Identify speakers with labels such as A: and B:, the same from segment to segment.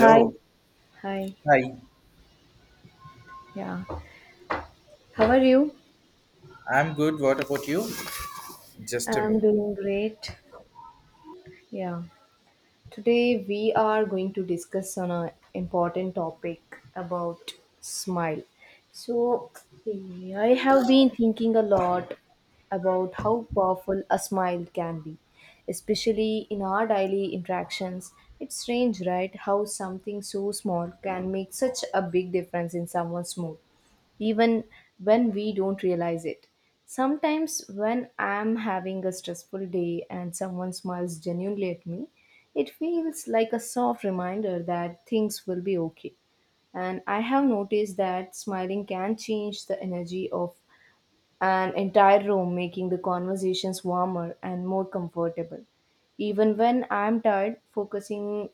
A: Hi, hi,
B: Hi.
A: yeah. How are you?
B: I'm good. What about you? Just a
A: I'm
B: moment.
A: doing great. Yeah. Today we are going to discuss on an important topic about smile. So I have been thinking a lot about how powerful a smile can be, especially in our daily interactions. It's strange, right? How something so small can make such a big difference in someone's mood, even when we don't realize it. Sometimes, when I'm having a stressful day and someone smiles genuinely at me, it feels like a soft reminder that things will be okay. And I have noticed that smiling can change the energy of an entire room, making the conversations warmer and more comfortable. Even when I'm tired, focusing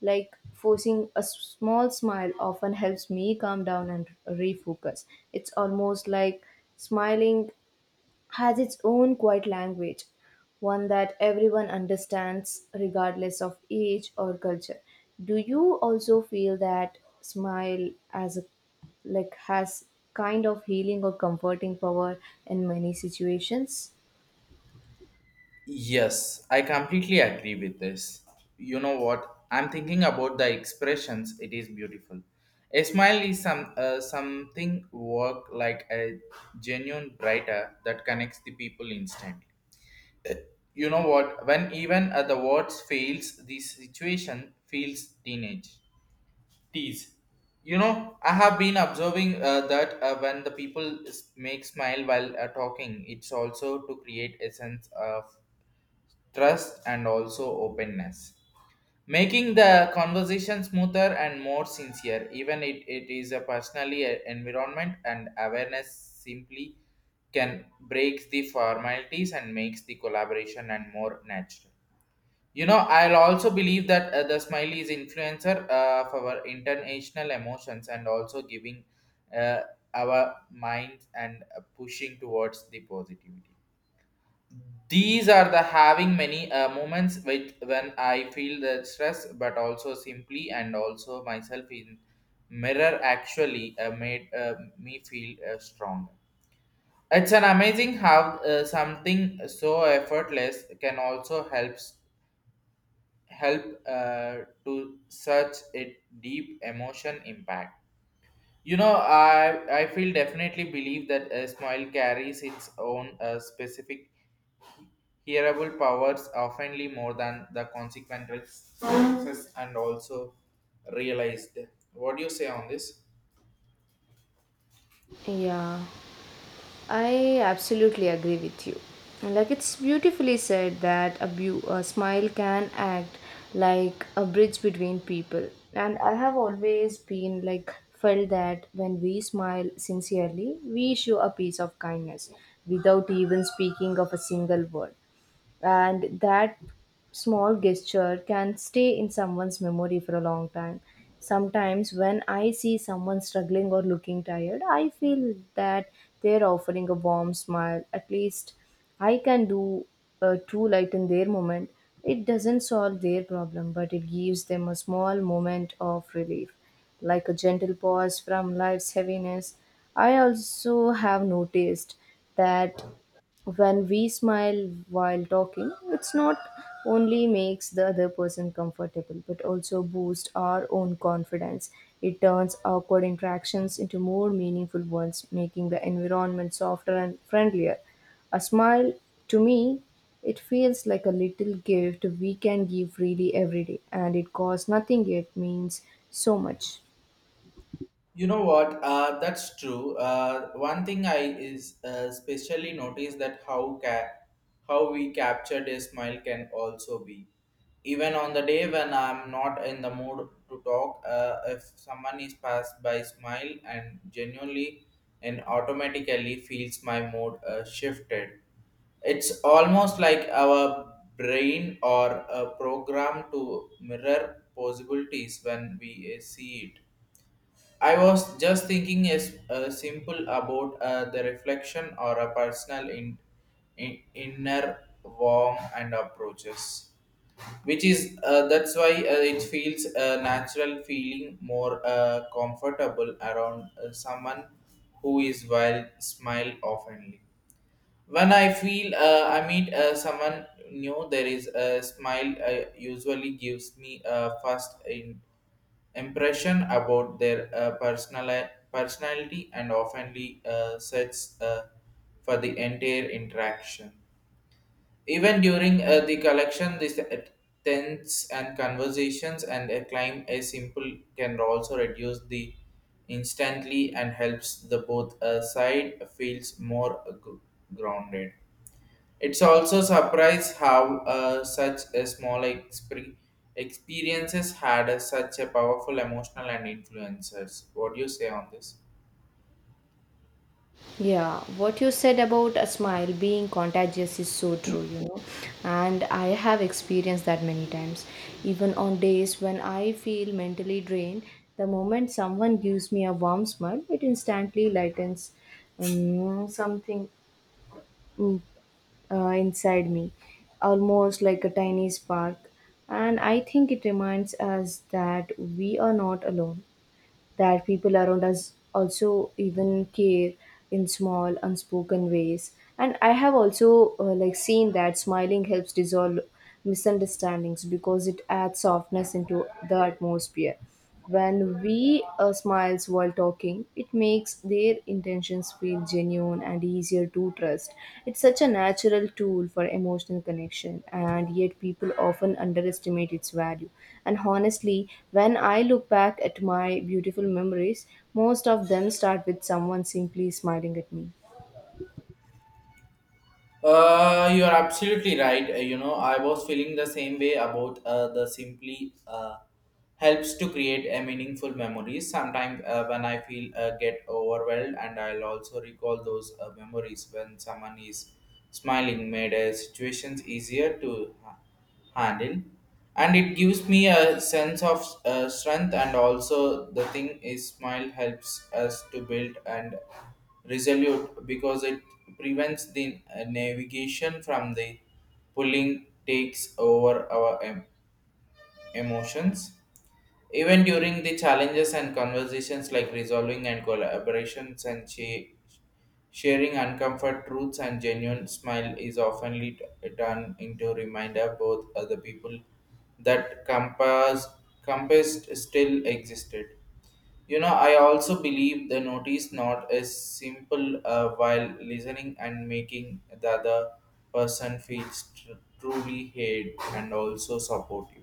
A: like forcing a small smile often helps me calm down and refocus. It's almost like smiling has its own quiet language, one that everyone understands regardless of age or culture. Do you also feel that smile as a like has kind of healing or comforting power in many situations?
B: Yes, I completely agree with this. You know what? I'm thinking about the expressions. It is beautiful. A smile is some something work like a genuine brighter that connects the people instantly. You know what? When even the words fails, the situation feels teenage. Tease. You know, I have been observing that when the people make smile while talking, it's also to create a sense of trust and also openness, making the conversation smoother and more sincere. Even it is a personally a environment and awareness simply can breaks the formalities and makes the collaboration and more natural. You know, I'll also believe that the smiley is influencer for our international emotions and also giving uh, our minds and pushing towards the positivity. These are the having many moments with when I feel the stress, but also simply and also myself in mirror actually made me feel stronger. It's an amazing how something so effortless can also help to such a deep emotion impact. You know, I feel definitely believe that a smile carries its own specific hearable powers oftenly more than the consequences and also realized. What do you say on this?
A: Yeah. I absolutely agree with you. Like it's beautifully said that a smile can act like a bridge between people. And I have always been like felt that when we smile sincerely, we show a piece of kindness without even speaking of a single word, and that small gesture can stay in someone's memory for a long time. Sometimes when I see someone struggling or looking tired, I feel that they're offering a warm smile. At least I can do too light in their moment. It doesn't solve their problem, but it gives them a small moment of relief, like a gentle pause from life's heaviness. I also have noticed that when we smile while talking, it's not only makes the other person comfortable but also boosts our own confidence. It turns awkward interactions into more meaningful ones, making the environment softer and friendlier. A smile, to me, it feels like a little gift we can give freely every day, and it costs nothing yet means so much.
B: You know what? That's true. One thing I is especially noticed that how we captured a smile can also be. Even on the day when I'm not in the mood to talk, if someone is passed by smile and genuinely and automatically feels my mood shifted. It's almost like our brain or a program to mirror possibilities when we see it. I was just thinking as simple about the reflection or a personal inner warm and approaches, which is that's why it feels a natural feeling more comfortable around someone who is wild, smile oftenly. When I feel I meet someone new, there is a smile usually gives me a first in impression about their personality and oftenly sets for the entire interaction. Even during the collection, this tense and conversations and a climb a simple can also reduce the instantly and helps the both side feels more grounded. It's also surprised how such a small experiences had such a powerful emotional and influencers. What do you say on this?
A: Yeah, what you said about a smile being contagious is so true, you know, and I have experienced that many times. Even on days when I feel mentally drained, the moment someone gives me a warm smile, it instantly lightens something, mm, inside me, almost like a tiny spark. And I think it reminds us that we are not alone, that people around us also even care in small unspoken ways. And I have also like seen that smiling helps dissolve misunderstandings because it adds softness into the atmosphere. When we smiles while talking, it makes their intentions feel genuine and easier to trust. It's such a natural tool for emotional connection, and yet people often underestimate its value. And honestly, when I look back at my beautiful memories, most of them start with someone simply smiling at me.
B: You are absolutely right. You know, I was feeling the same way about the simply helps to create a meaningful memories. Sometimes when I feel get overwhelmed, and I'll also recall those memories when someone is smiling made situations easier to. Handle and it gives me a sense of strength and also the thing is smile helps us to build and resolute because it prevents the navigation from the pulling takes over our aim emotions. Even during the challenges and conversations like resolving and collaborations and she, sharing uncomfort truths and genuine smile is often turned into reminder both other people that compass still existed. You know, I also believe the notice not is simple while listening and making the other person feel truly heard and also supportive.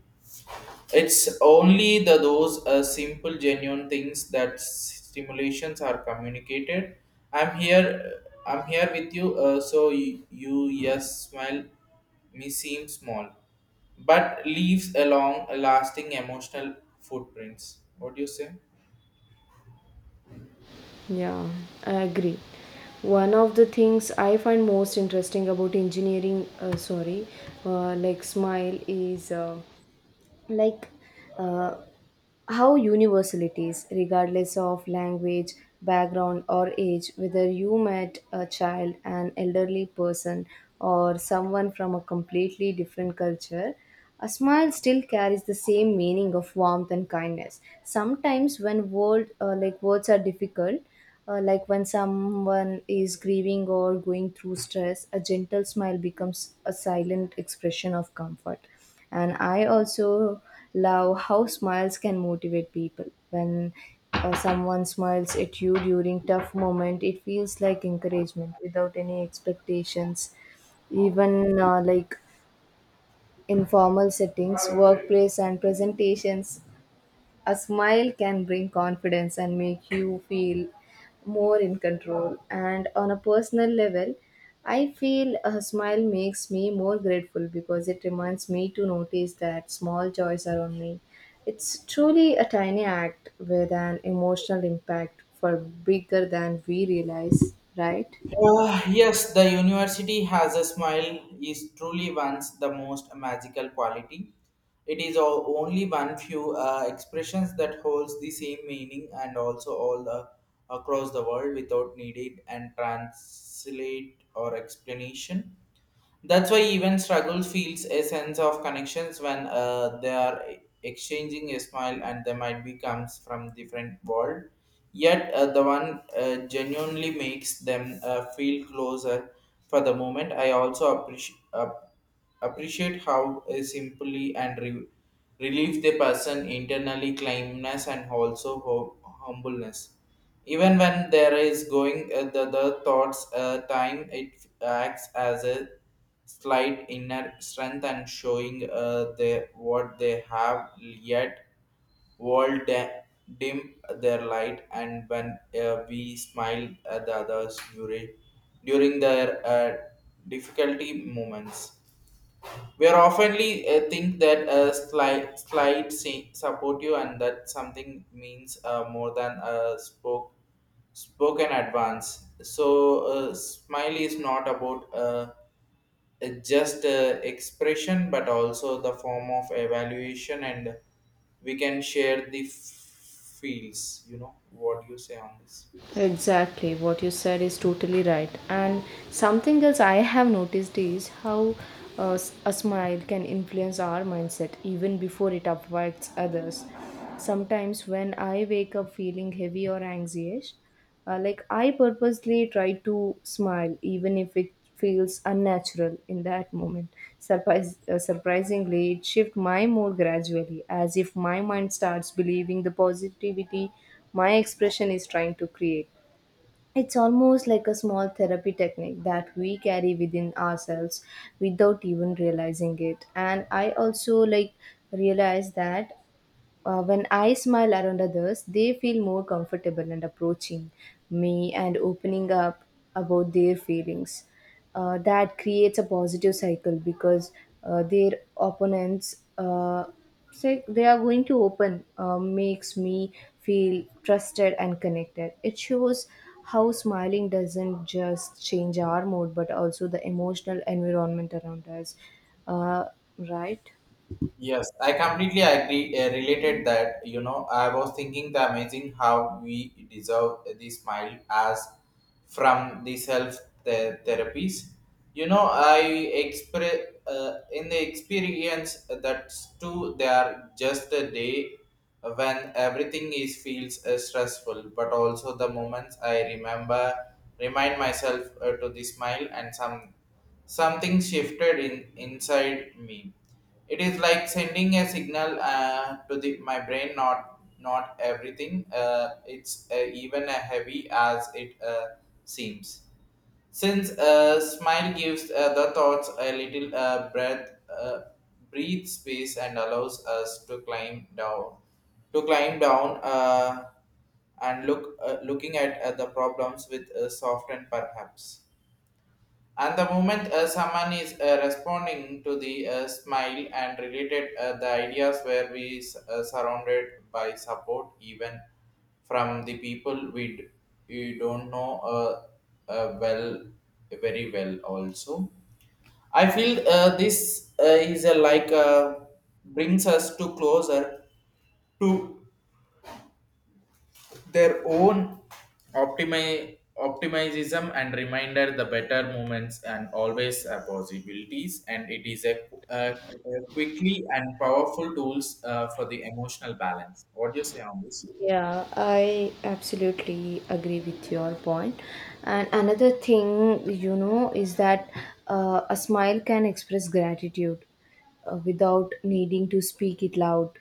B: It's only the those simple, genuine things that stimulations are communicated. I'm here. I'm here with you. So you yes, smile me seem small, but leaves a long, lasting emotional footprints. What do you say?
A: Yeah, I agree. One of the things I find most interesting about like smile is. Like uh, how universal it is, regardless of language, background, or age, whether you met a child, an elderly person, or someone from a completely different culture. A smile still carries the same meaning of warmth and kindness. Sometimes, when like words are difficult, like when someone is grieving or going through stress, a gentle smile becomes a silent expression of comfort. And I also love how smiles can motivate people. When someone smiles at you during tough moment, it feels like encouragement without any expectations. Even like informal settings, workplace, and presentations, a smile can bring confidence and make you feel more in control. And on a personal level, I feel a smile makes me more grateful because it reminds me to notice that small joys around me. It's truly a tiny act with an emotional impact for bigger than we realize, right?
B: Yes, the university has a smile is truly one's the most magical quality. It is all, only one few expressions that holds the same meaning and also across the world without needed and translate or explanation. That's why even struggle feels a sense of connections when they are exchanging a smile and they might be comes from different world. Yet the one genuinely makes them feel closer for the moment. I also appreciate how simply and relieve the person internally kindness and also humbleness. Even when there is going the thoughts time, it acts as a slight inner strength and showing what they have yet world dim their light and when we smile at the others during their difficulty moments we are oftenly think that a slight say, support you and that something means more than a spoken advance. So smile is not about it's just expression but also the form of evaluation and we can share the fields. You know what you say on this?
A: Exactly, what you said is totally right. And something else I have noticed is how a smile can influence our mindset even before it affects others. Sometimes, when I wake up feeling heavy or anxious, like I purposely try to smile, even if it feels unnatural in that moment. Surprisingly, it shifts my mood gradually, as if my mind starts believing the positivity my expression is trying to create. It's almost like a small therapy technique that we carry within ourselves without even realizing it. And I also like realize that when I smile around others, they feel more comfortable and approaching me and opening up about their feelings. That creates a positive cycle because their opponents say they are going to open makes me feel trusted and connected. It shows how smiling doesn't just change our mood but also the emotional environment around us. Uh, right?
B: Yes, I completely agree. Related that, you know, I was thinking the amazing how we deserve this smile as from the self the therapies. You know, I express in the experience that too. They are just a day when everything is feels stressful, but also the moments I remember remind myself to the smile and some something shifted in inside me. It is like sending a signal to the my brain. Not everything. It's even heavy as it seems. Since smile gives the thoughts a little breathe space and allows us to climb down, to climb down, uh, and look looking at the problems with soft and perhaps. And the moment someone is responding to the smile and related the ideas where we surrounded by support even from the people you don't know well very well also. I feel this is a like brings us to closer to their own optimism and reminder the better moments and always possibilities and it is a, a quickly and powerful tools for the emotional balance. What do you say on this?
A: Yeah, I absolutely agree with your point. And another thing, you know, is that a smile can express gratitude without needing to speak it loud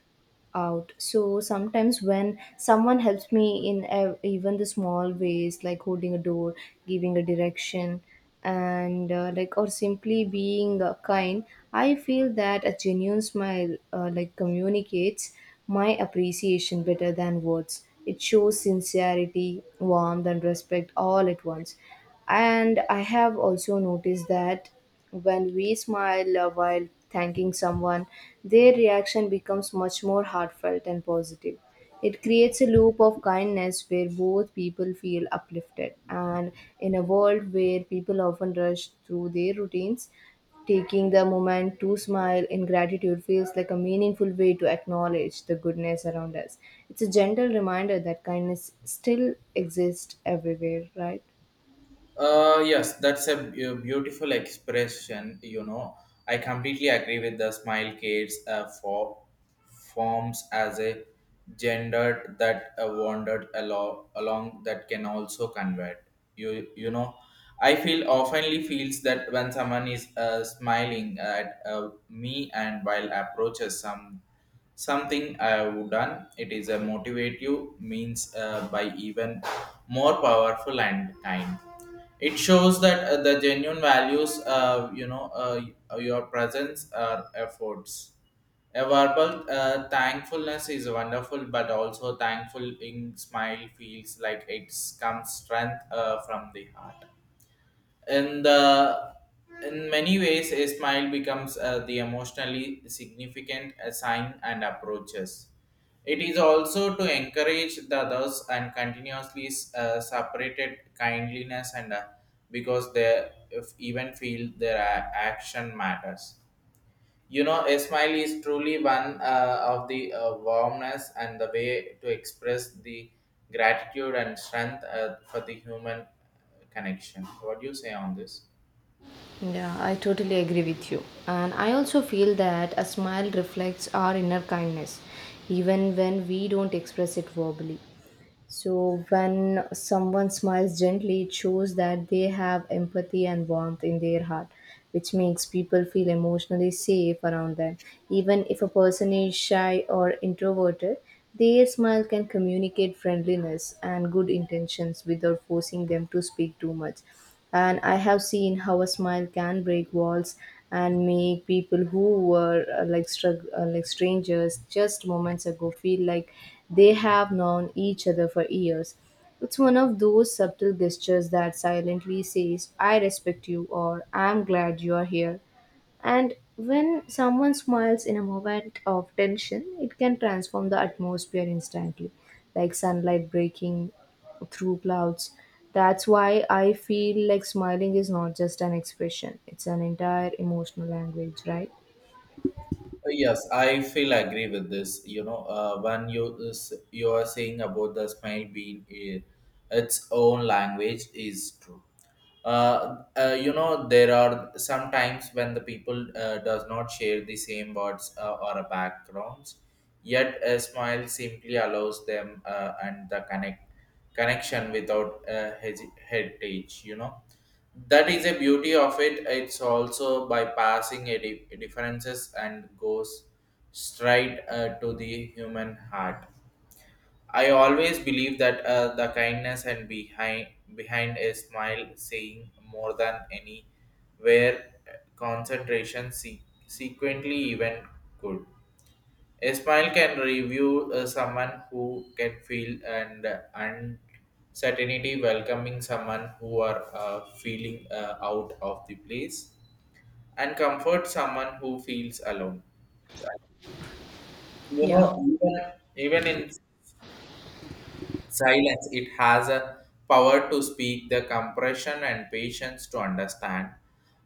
A: out. So sometimes when someone helps me in even the small ways, like holding a door, giving a direction, and like or simply being kind, I feel that a genuine smile like communicates my appreciation better than words. It shows sincerity, warmth, and respect all at once. And I have also noticed that when we smile while thanking someone, their reaction becomes much more heartfelt and positive. It creates a loop of kindness where both people feel uplifted. And in a world where people often rush through their routines, taking the moment to smile in gratitude feels like a meaningful way to acknowledge the goodness around us. It's a gentle reminder that kindness still exists everywhere, right?
B: Yes, that's a beautiful expression. You know, I completely agree with the smile kids forms as a gendered that wandered along that can also convert. You know, I feel oftenly feels that when someone is smiling at me and while approaches some something I have done, it is a motivative means by even more powerful and kind. It shows that the genuine values you know your presence or efforts. A verbal thankfulness is wonderful but also thankful in smile feels like it comes strength from the heart in the in many ways a smile becomes the emotionally significant sign and approaches. It is also to encourage the others and continuously separated kindliness and because they if even feel their action matters. You know, a smile is truly one of the warmness and the way to express the gratitude and strength for the human connection. What do you say on this?
A: Yeah, I totally agree with you. And I also feel that a smile reflects our inner kindness, even when we don't express it verbally. So, when someone smiles gently, it shows that they have empathy and warmth in their heart, which makes people feel emotionally safe around them. Even if a person is shy or introverted, their smile can communicate friendliness and good intentions without forcing them to speak too much. And I have seen how a smile can break walls and make people who were like strangers just moments ago feel like they have known each other for years. It's one of those subtle gestures that silently says, I respect you, or I'm glad you are here. And when someone smiles in a moment of tension, it can transform the atmosphere instantly, like sunlight breaking through clouds. That's why I feel like smiling is not just an expression, it's an entire emotional language, right?
B: Yes, I feel agree with this. You know, when you are saying about the smile being its own language is true. You know, there are sometimes when the people does not share the same words or backgrounds, yet a smile simply allows them and the connection without a heritage. You know, that is a beauty of it. It's also bypassing a differences and goes straight to the human heart. I always believe that the kindness and behind a smile saying more than any where concentration sequently even could a smile can review someone who can feel and uncertainty, welcoming someone who are feeling out of the place, and comfort someone who feels alone. You
A: Yeah.
B: know, even in silence, it has a power to speak the compression and patience to understand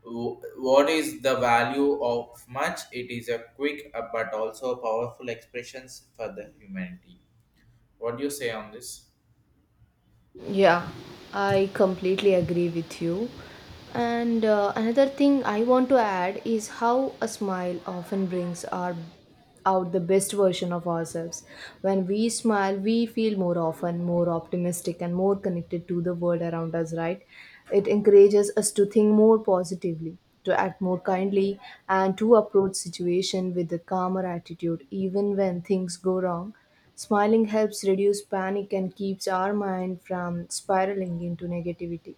B: what is the value of much it is a quick but also powerful expressions for the humanity. What do you say on this?
A: Yeah, I completely agree with you. And another thing I want to add is how a smile often brings our out the best version of ourselves. When we smile, we feel more often more optimistic and more connected to the world around us, right? It encourages us to think more positively, to act more kindly, and to approach situation with a calmer attitude even when things go wrong. Smiling helps reduce panic and keeps our mind from spiraling into negativity.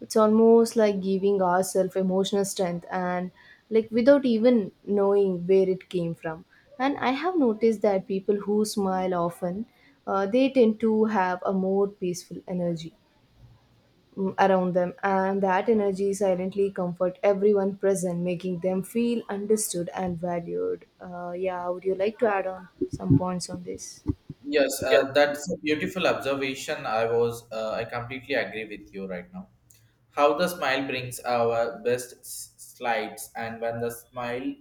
A: It's almost like giving ourselves emotional strength and like without even knowing where it came from. And I have noticed that people who smile often, they tend to have a more peaceful energy, around them, and that energy silently comfort everyone present, making them feel understood and valued. Yeah, would you like to add on some points on this?
B: Yes, that's a beautiful observation. I completely agree with you right now. How the smile brings our best slides, and when the smile,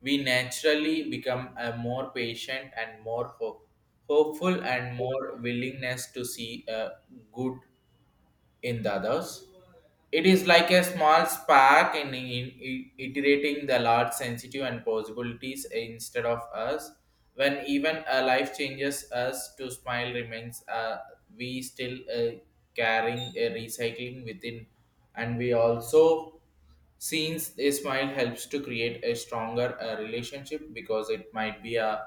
B: we naturally become a more patient and more hopeful and more willingness to see a good in the others. It is like a small spark in iterating the large sensitive and possibilities instead of us. When even a life changes us to smile remains, we still carrying a recycling within, and we also since a smile helps to create a stronger relationship because it might be a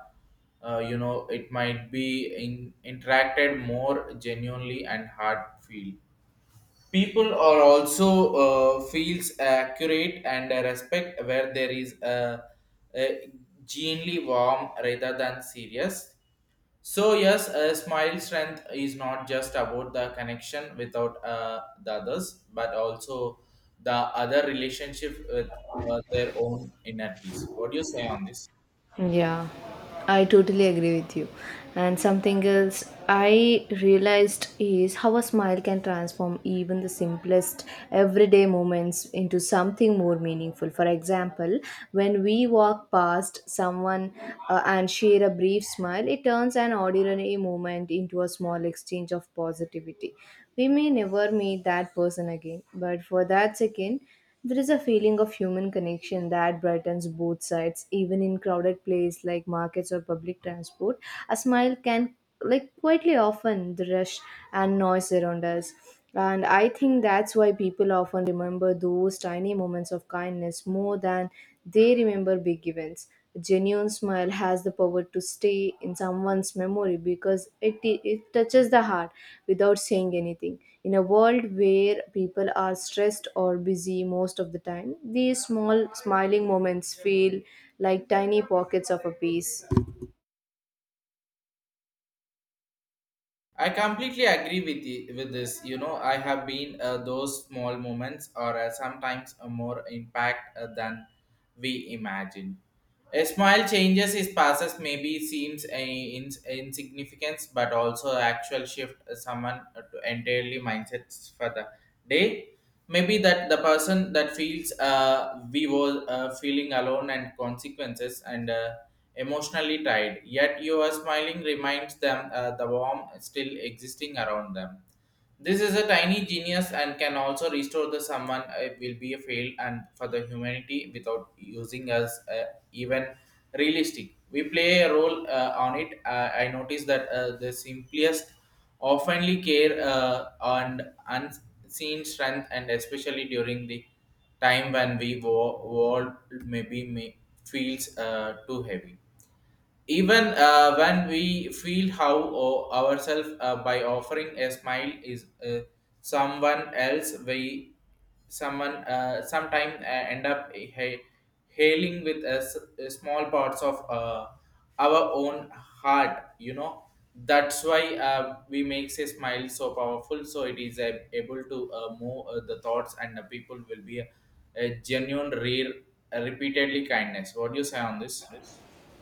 B: it might be interacted more genuinely and heartfelt, people are also feels accurate and respect where there is a genuinely warm rather than serious. So yes, a smile strength is not just about the connection without the others, but also the other relationship with their own inner peace. What do you say on this?
A: Yeah, I totally agree with you. And something else I realized is how a smile can transform even the simplest everyday moments into something more meaningful. For example, when we walk past someone and share a brief smile, it turns an ordinary moment into a small exchange of positivity. We may never meet that person again, but for that second, there is a feeling of human connection that brightens both sides, even in crowded places like markets or public transport. A smile can like quietly often the rush and noise around us. And I think that's why people often remember those tiny moments of kindness more than they remember big events. A genuine smile has the power to stay in someone's memory because it touches the heart without saying anything. In a world where people are stressed or busy most of the time, these small smiling moments feel like tiny pockets of a peace.
B: I completely agree with you with this. You know, I have been those small moments are sometimes a more impact than we imagine. A smile changes his passes maybe seems a insignificance, but also actual shift someone to entirely mindsets for the day. Maybe that the person that feels we were feeling alone and consequences and emotionally tired, yet you are smiling reminds them the warmth still existing around them. This is a tiny genius and can also restore the someone will be a fail and for the humanity without using us, even realistic. We play a role on it. I notice that the simplest oftenly care and unseen strength, and especially during the time when world maybe may, feels too heavy, even when we feel how ourselves by offering a smile is someone else we someone sometime end up hailing with a, a small parts of our own heart, you know. That's why we makes a smile so powerful, so it is able to move the thoughts, and the people will be a genuine rare repeatedly kindness. What do you say on this?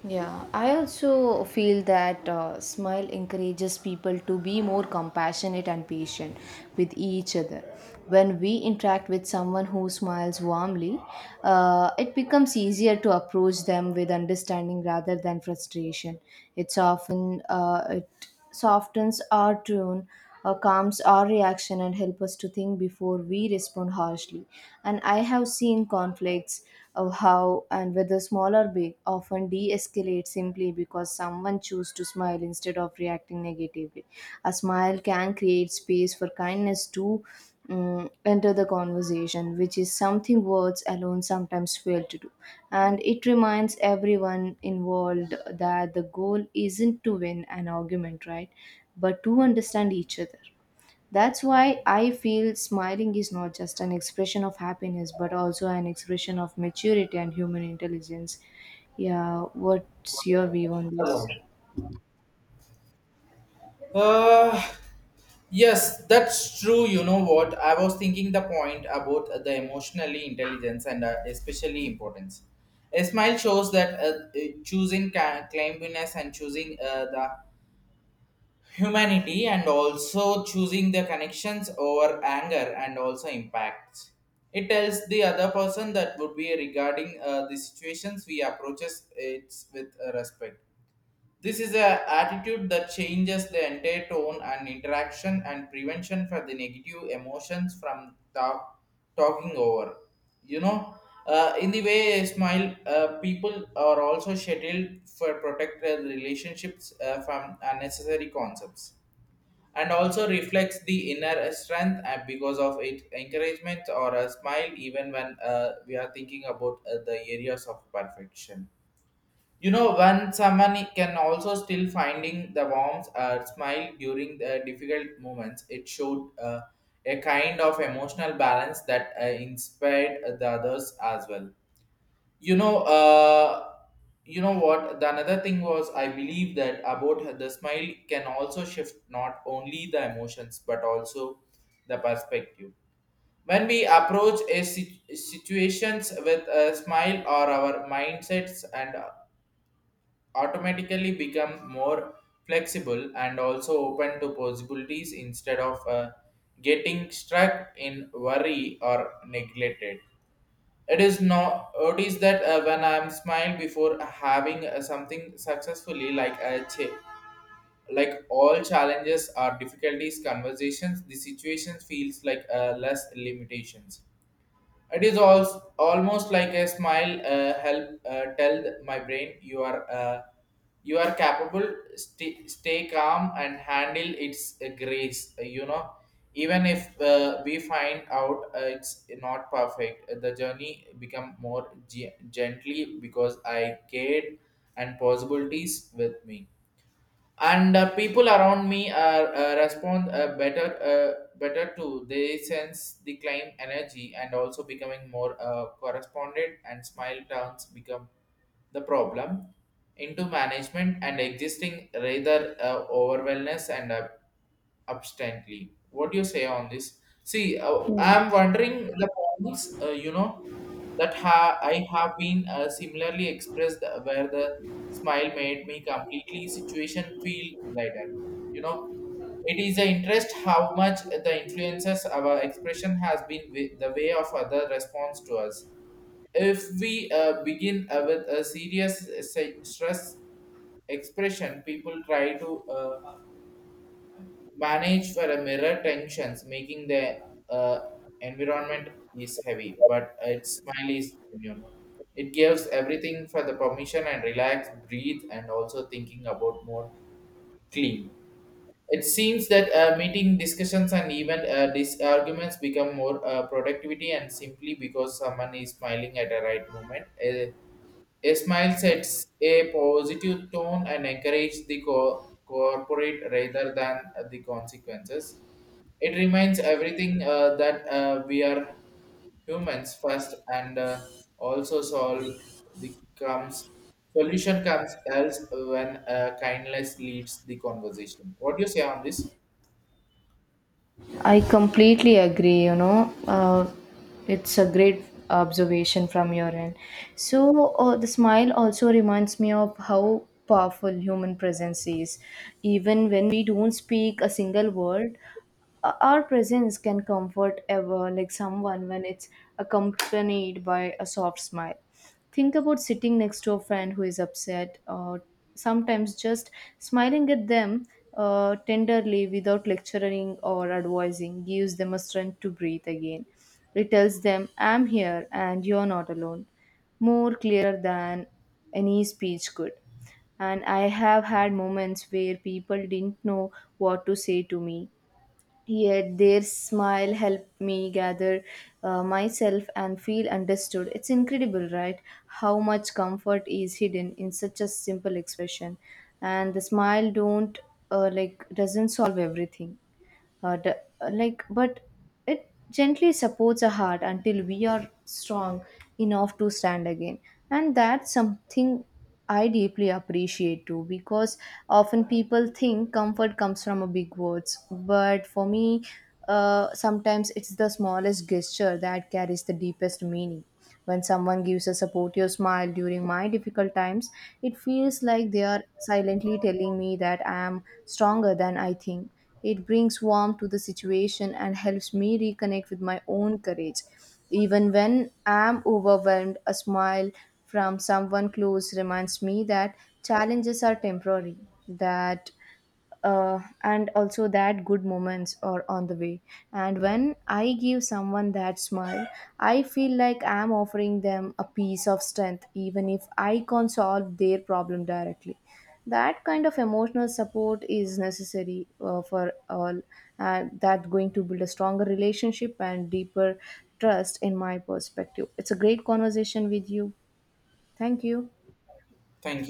A: Yeah, I also feel that smile encourages people to be more compassionate and patient with each other. When we interact with someone who smiles warmly, it becomes easier to approach them with understanding rather than frustration. It's often it softens our tone, calms our reaction and help us to think before we respond harshly. And I have seen conflicts of how and whether small or big often de-escalate simply because someone chooses to smile instead of reacting negatively. A smile can create space for kindness too, enter the conversation, which is something words alone sometimes fail to do. And it reminds everyone involved that the goal isn't to win an argument, right? But to understand each other. That's why I feel smiling is not just an expression of happiness, but also an expression of maturity and human intelligence. Yeah, what's your view on this?
B: Uh, Yes, that's true. You know what? I was thinking the point about the emotionally intelligence and especially importance. A smile shows that choosing climbiness and choosing the humanity, and also choosing the connections over anger and also impacts. It tells the other person that would be regarding the situations we approaches it with respect. This is a attitude that changes the entire tone and interaction and prevention for the negative emotions from the talking over. You know, in the way a smile, people are also scheduled for protect their relationships from unnecessary concepts, and also reflects the inner strength because of it encouragement or a smile even when we are thinking about the areas of perfection. You know, when someone can also still finding the warmth smile during the difficult moments, it showed a kind of emotional balance that inspired the others as well. You know, uh, you know what? The another thing was I believe that about the smile can also shift not only the emotions but also the perspective. When we approach a situations with a smile or our mindsets, and automatically become more flexible and also open to possibilities, instead of getting stuck in worry or neglected. It is no notice that when I am smile before having something successfully, like all challenges or difficulties conversations, the situation feels like less limitations. It is also almost like a smile. Help tell my brain you are capable. Stay calm and handle its grace. You know, even if we find out it's not perfect, the journey become more gently because I cared and possibilities with me. And people around me are respond better to they sense the climb energy, and also becoming more correspondent, and smile turns become the problem into management and existing rather over wellness and absently. What do you say on this? See, I'm wondering the points, you know, that I have been similarly expressed where the smile made me completely situation feel lighter. You know, it is an interest how much the influences our expression has been with the way of other response to us. If we begin with a serious stress expression, people try to manage for a mirror tensions, making the uh, environment is heavy, but its smile is immune. It gives everything for the permission and relax, breathe, and also thinking about more clean. It seems that meeting discussions and even arguments become more productivity, and simply because someone is smiling at the right moment. A smile sets a positive tone and encourages the corporate rather than the consequences. It reminds everything that we are humans first, and also solve the comes solution comes else when kindness leads the conversation. What do you say on this?
A: I completely agree, you know. It's a great observation from your end. So, the smile also reminds me of how powerful human presence is. Even when we don't speak a single word, our presence can comfort ever, like someone when it's accompanied by a soft smile. Think about sitting next to a friend who is upset, or sometimes just smiling at them tenderly without lecturing or advising gives them a strength to breathe again. It tells them, I'm here and you're not alone, more clearer than any speech could. And I have had moments where people didn't know what to say to me, yet their smile helped me gather myself and feel understood. It's incredible, right? How much comfort is hidden in such a simple expression. And the smile don't like doesn't solve everything, uh, d- like but it gently supports our heart until we are strong enough to stand again. And that's something I deeply appreciate too, because often people think comfort comes from a big words, but for me, sometimes it's the smallest gesture that carries the deepest meaning. When someone gives a supportive smile during my difficult times, it feels like they are silently telling me that I am stronger than I think. It brings warmth to the situation and helps me reconnect with my own courage. Even when I'm overwhelmed, a smile from someone close reminds me that challenges are temporary, that and also that good moments are on the way. And when I give someone that smile, I feel like I'm offering them a piece of strength, even if I can't solve their problem directly. That kind of emotional support is necessary for all, and that going to build a stronger relationship and deeper trust, in my perspective. It's a great conversation with you. Thank you.
B: Thank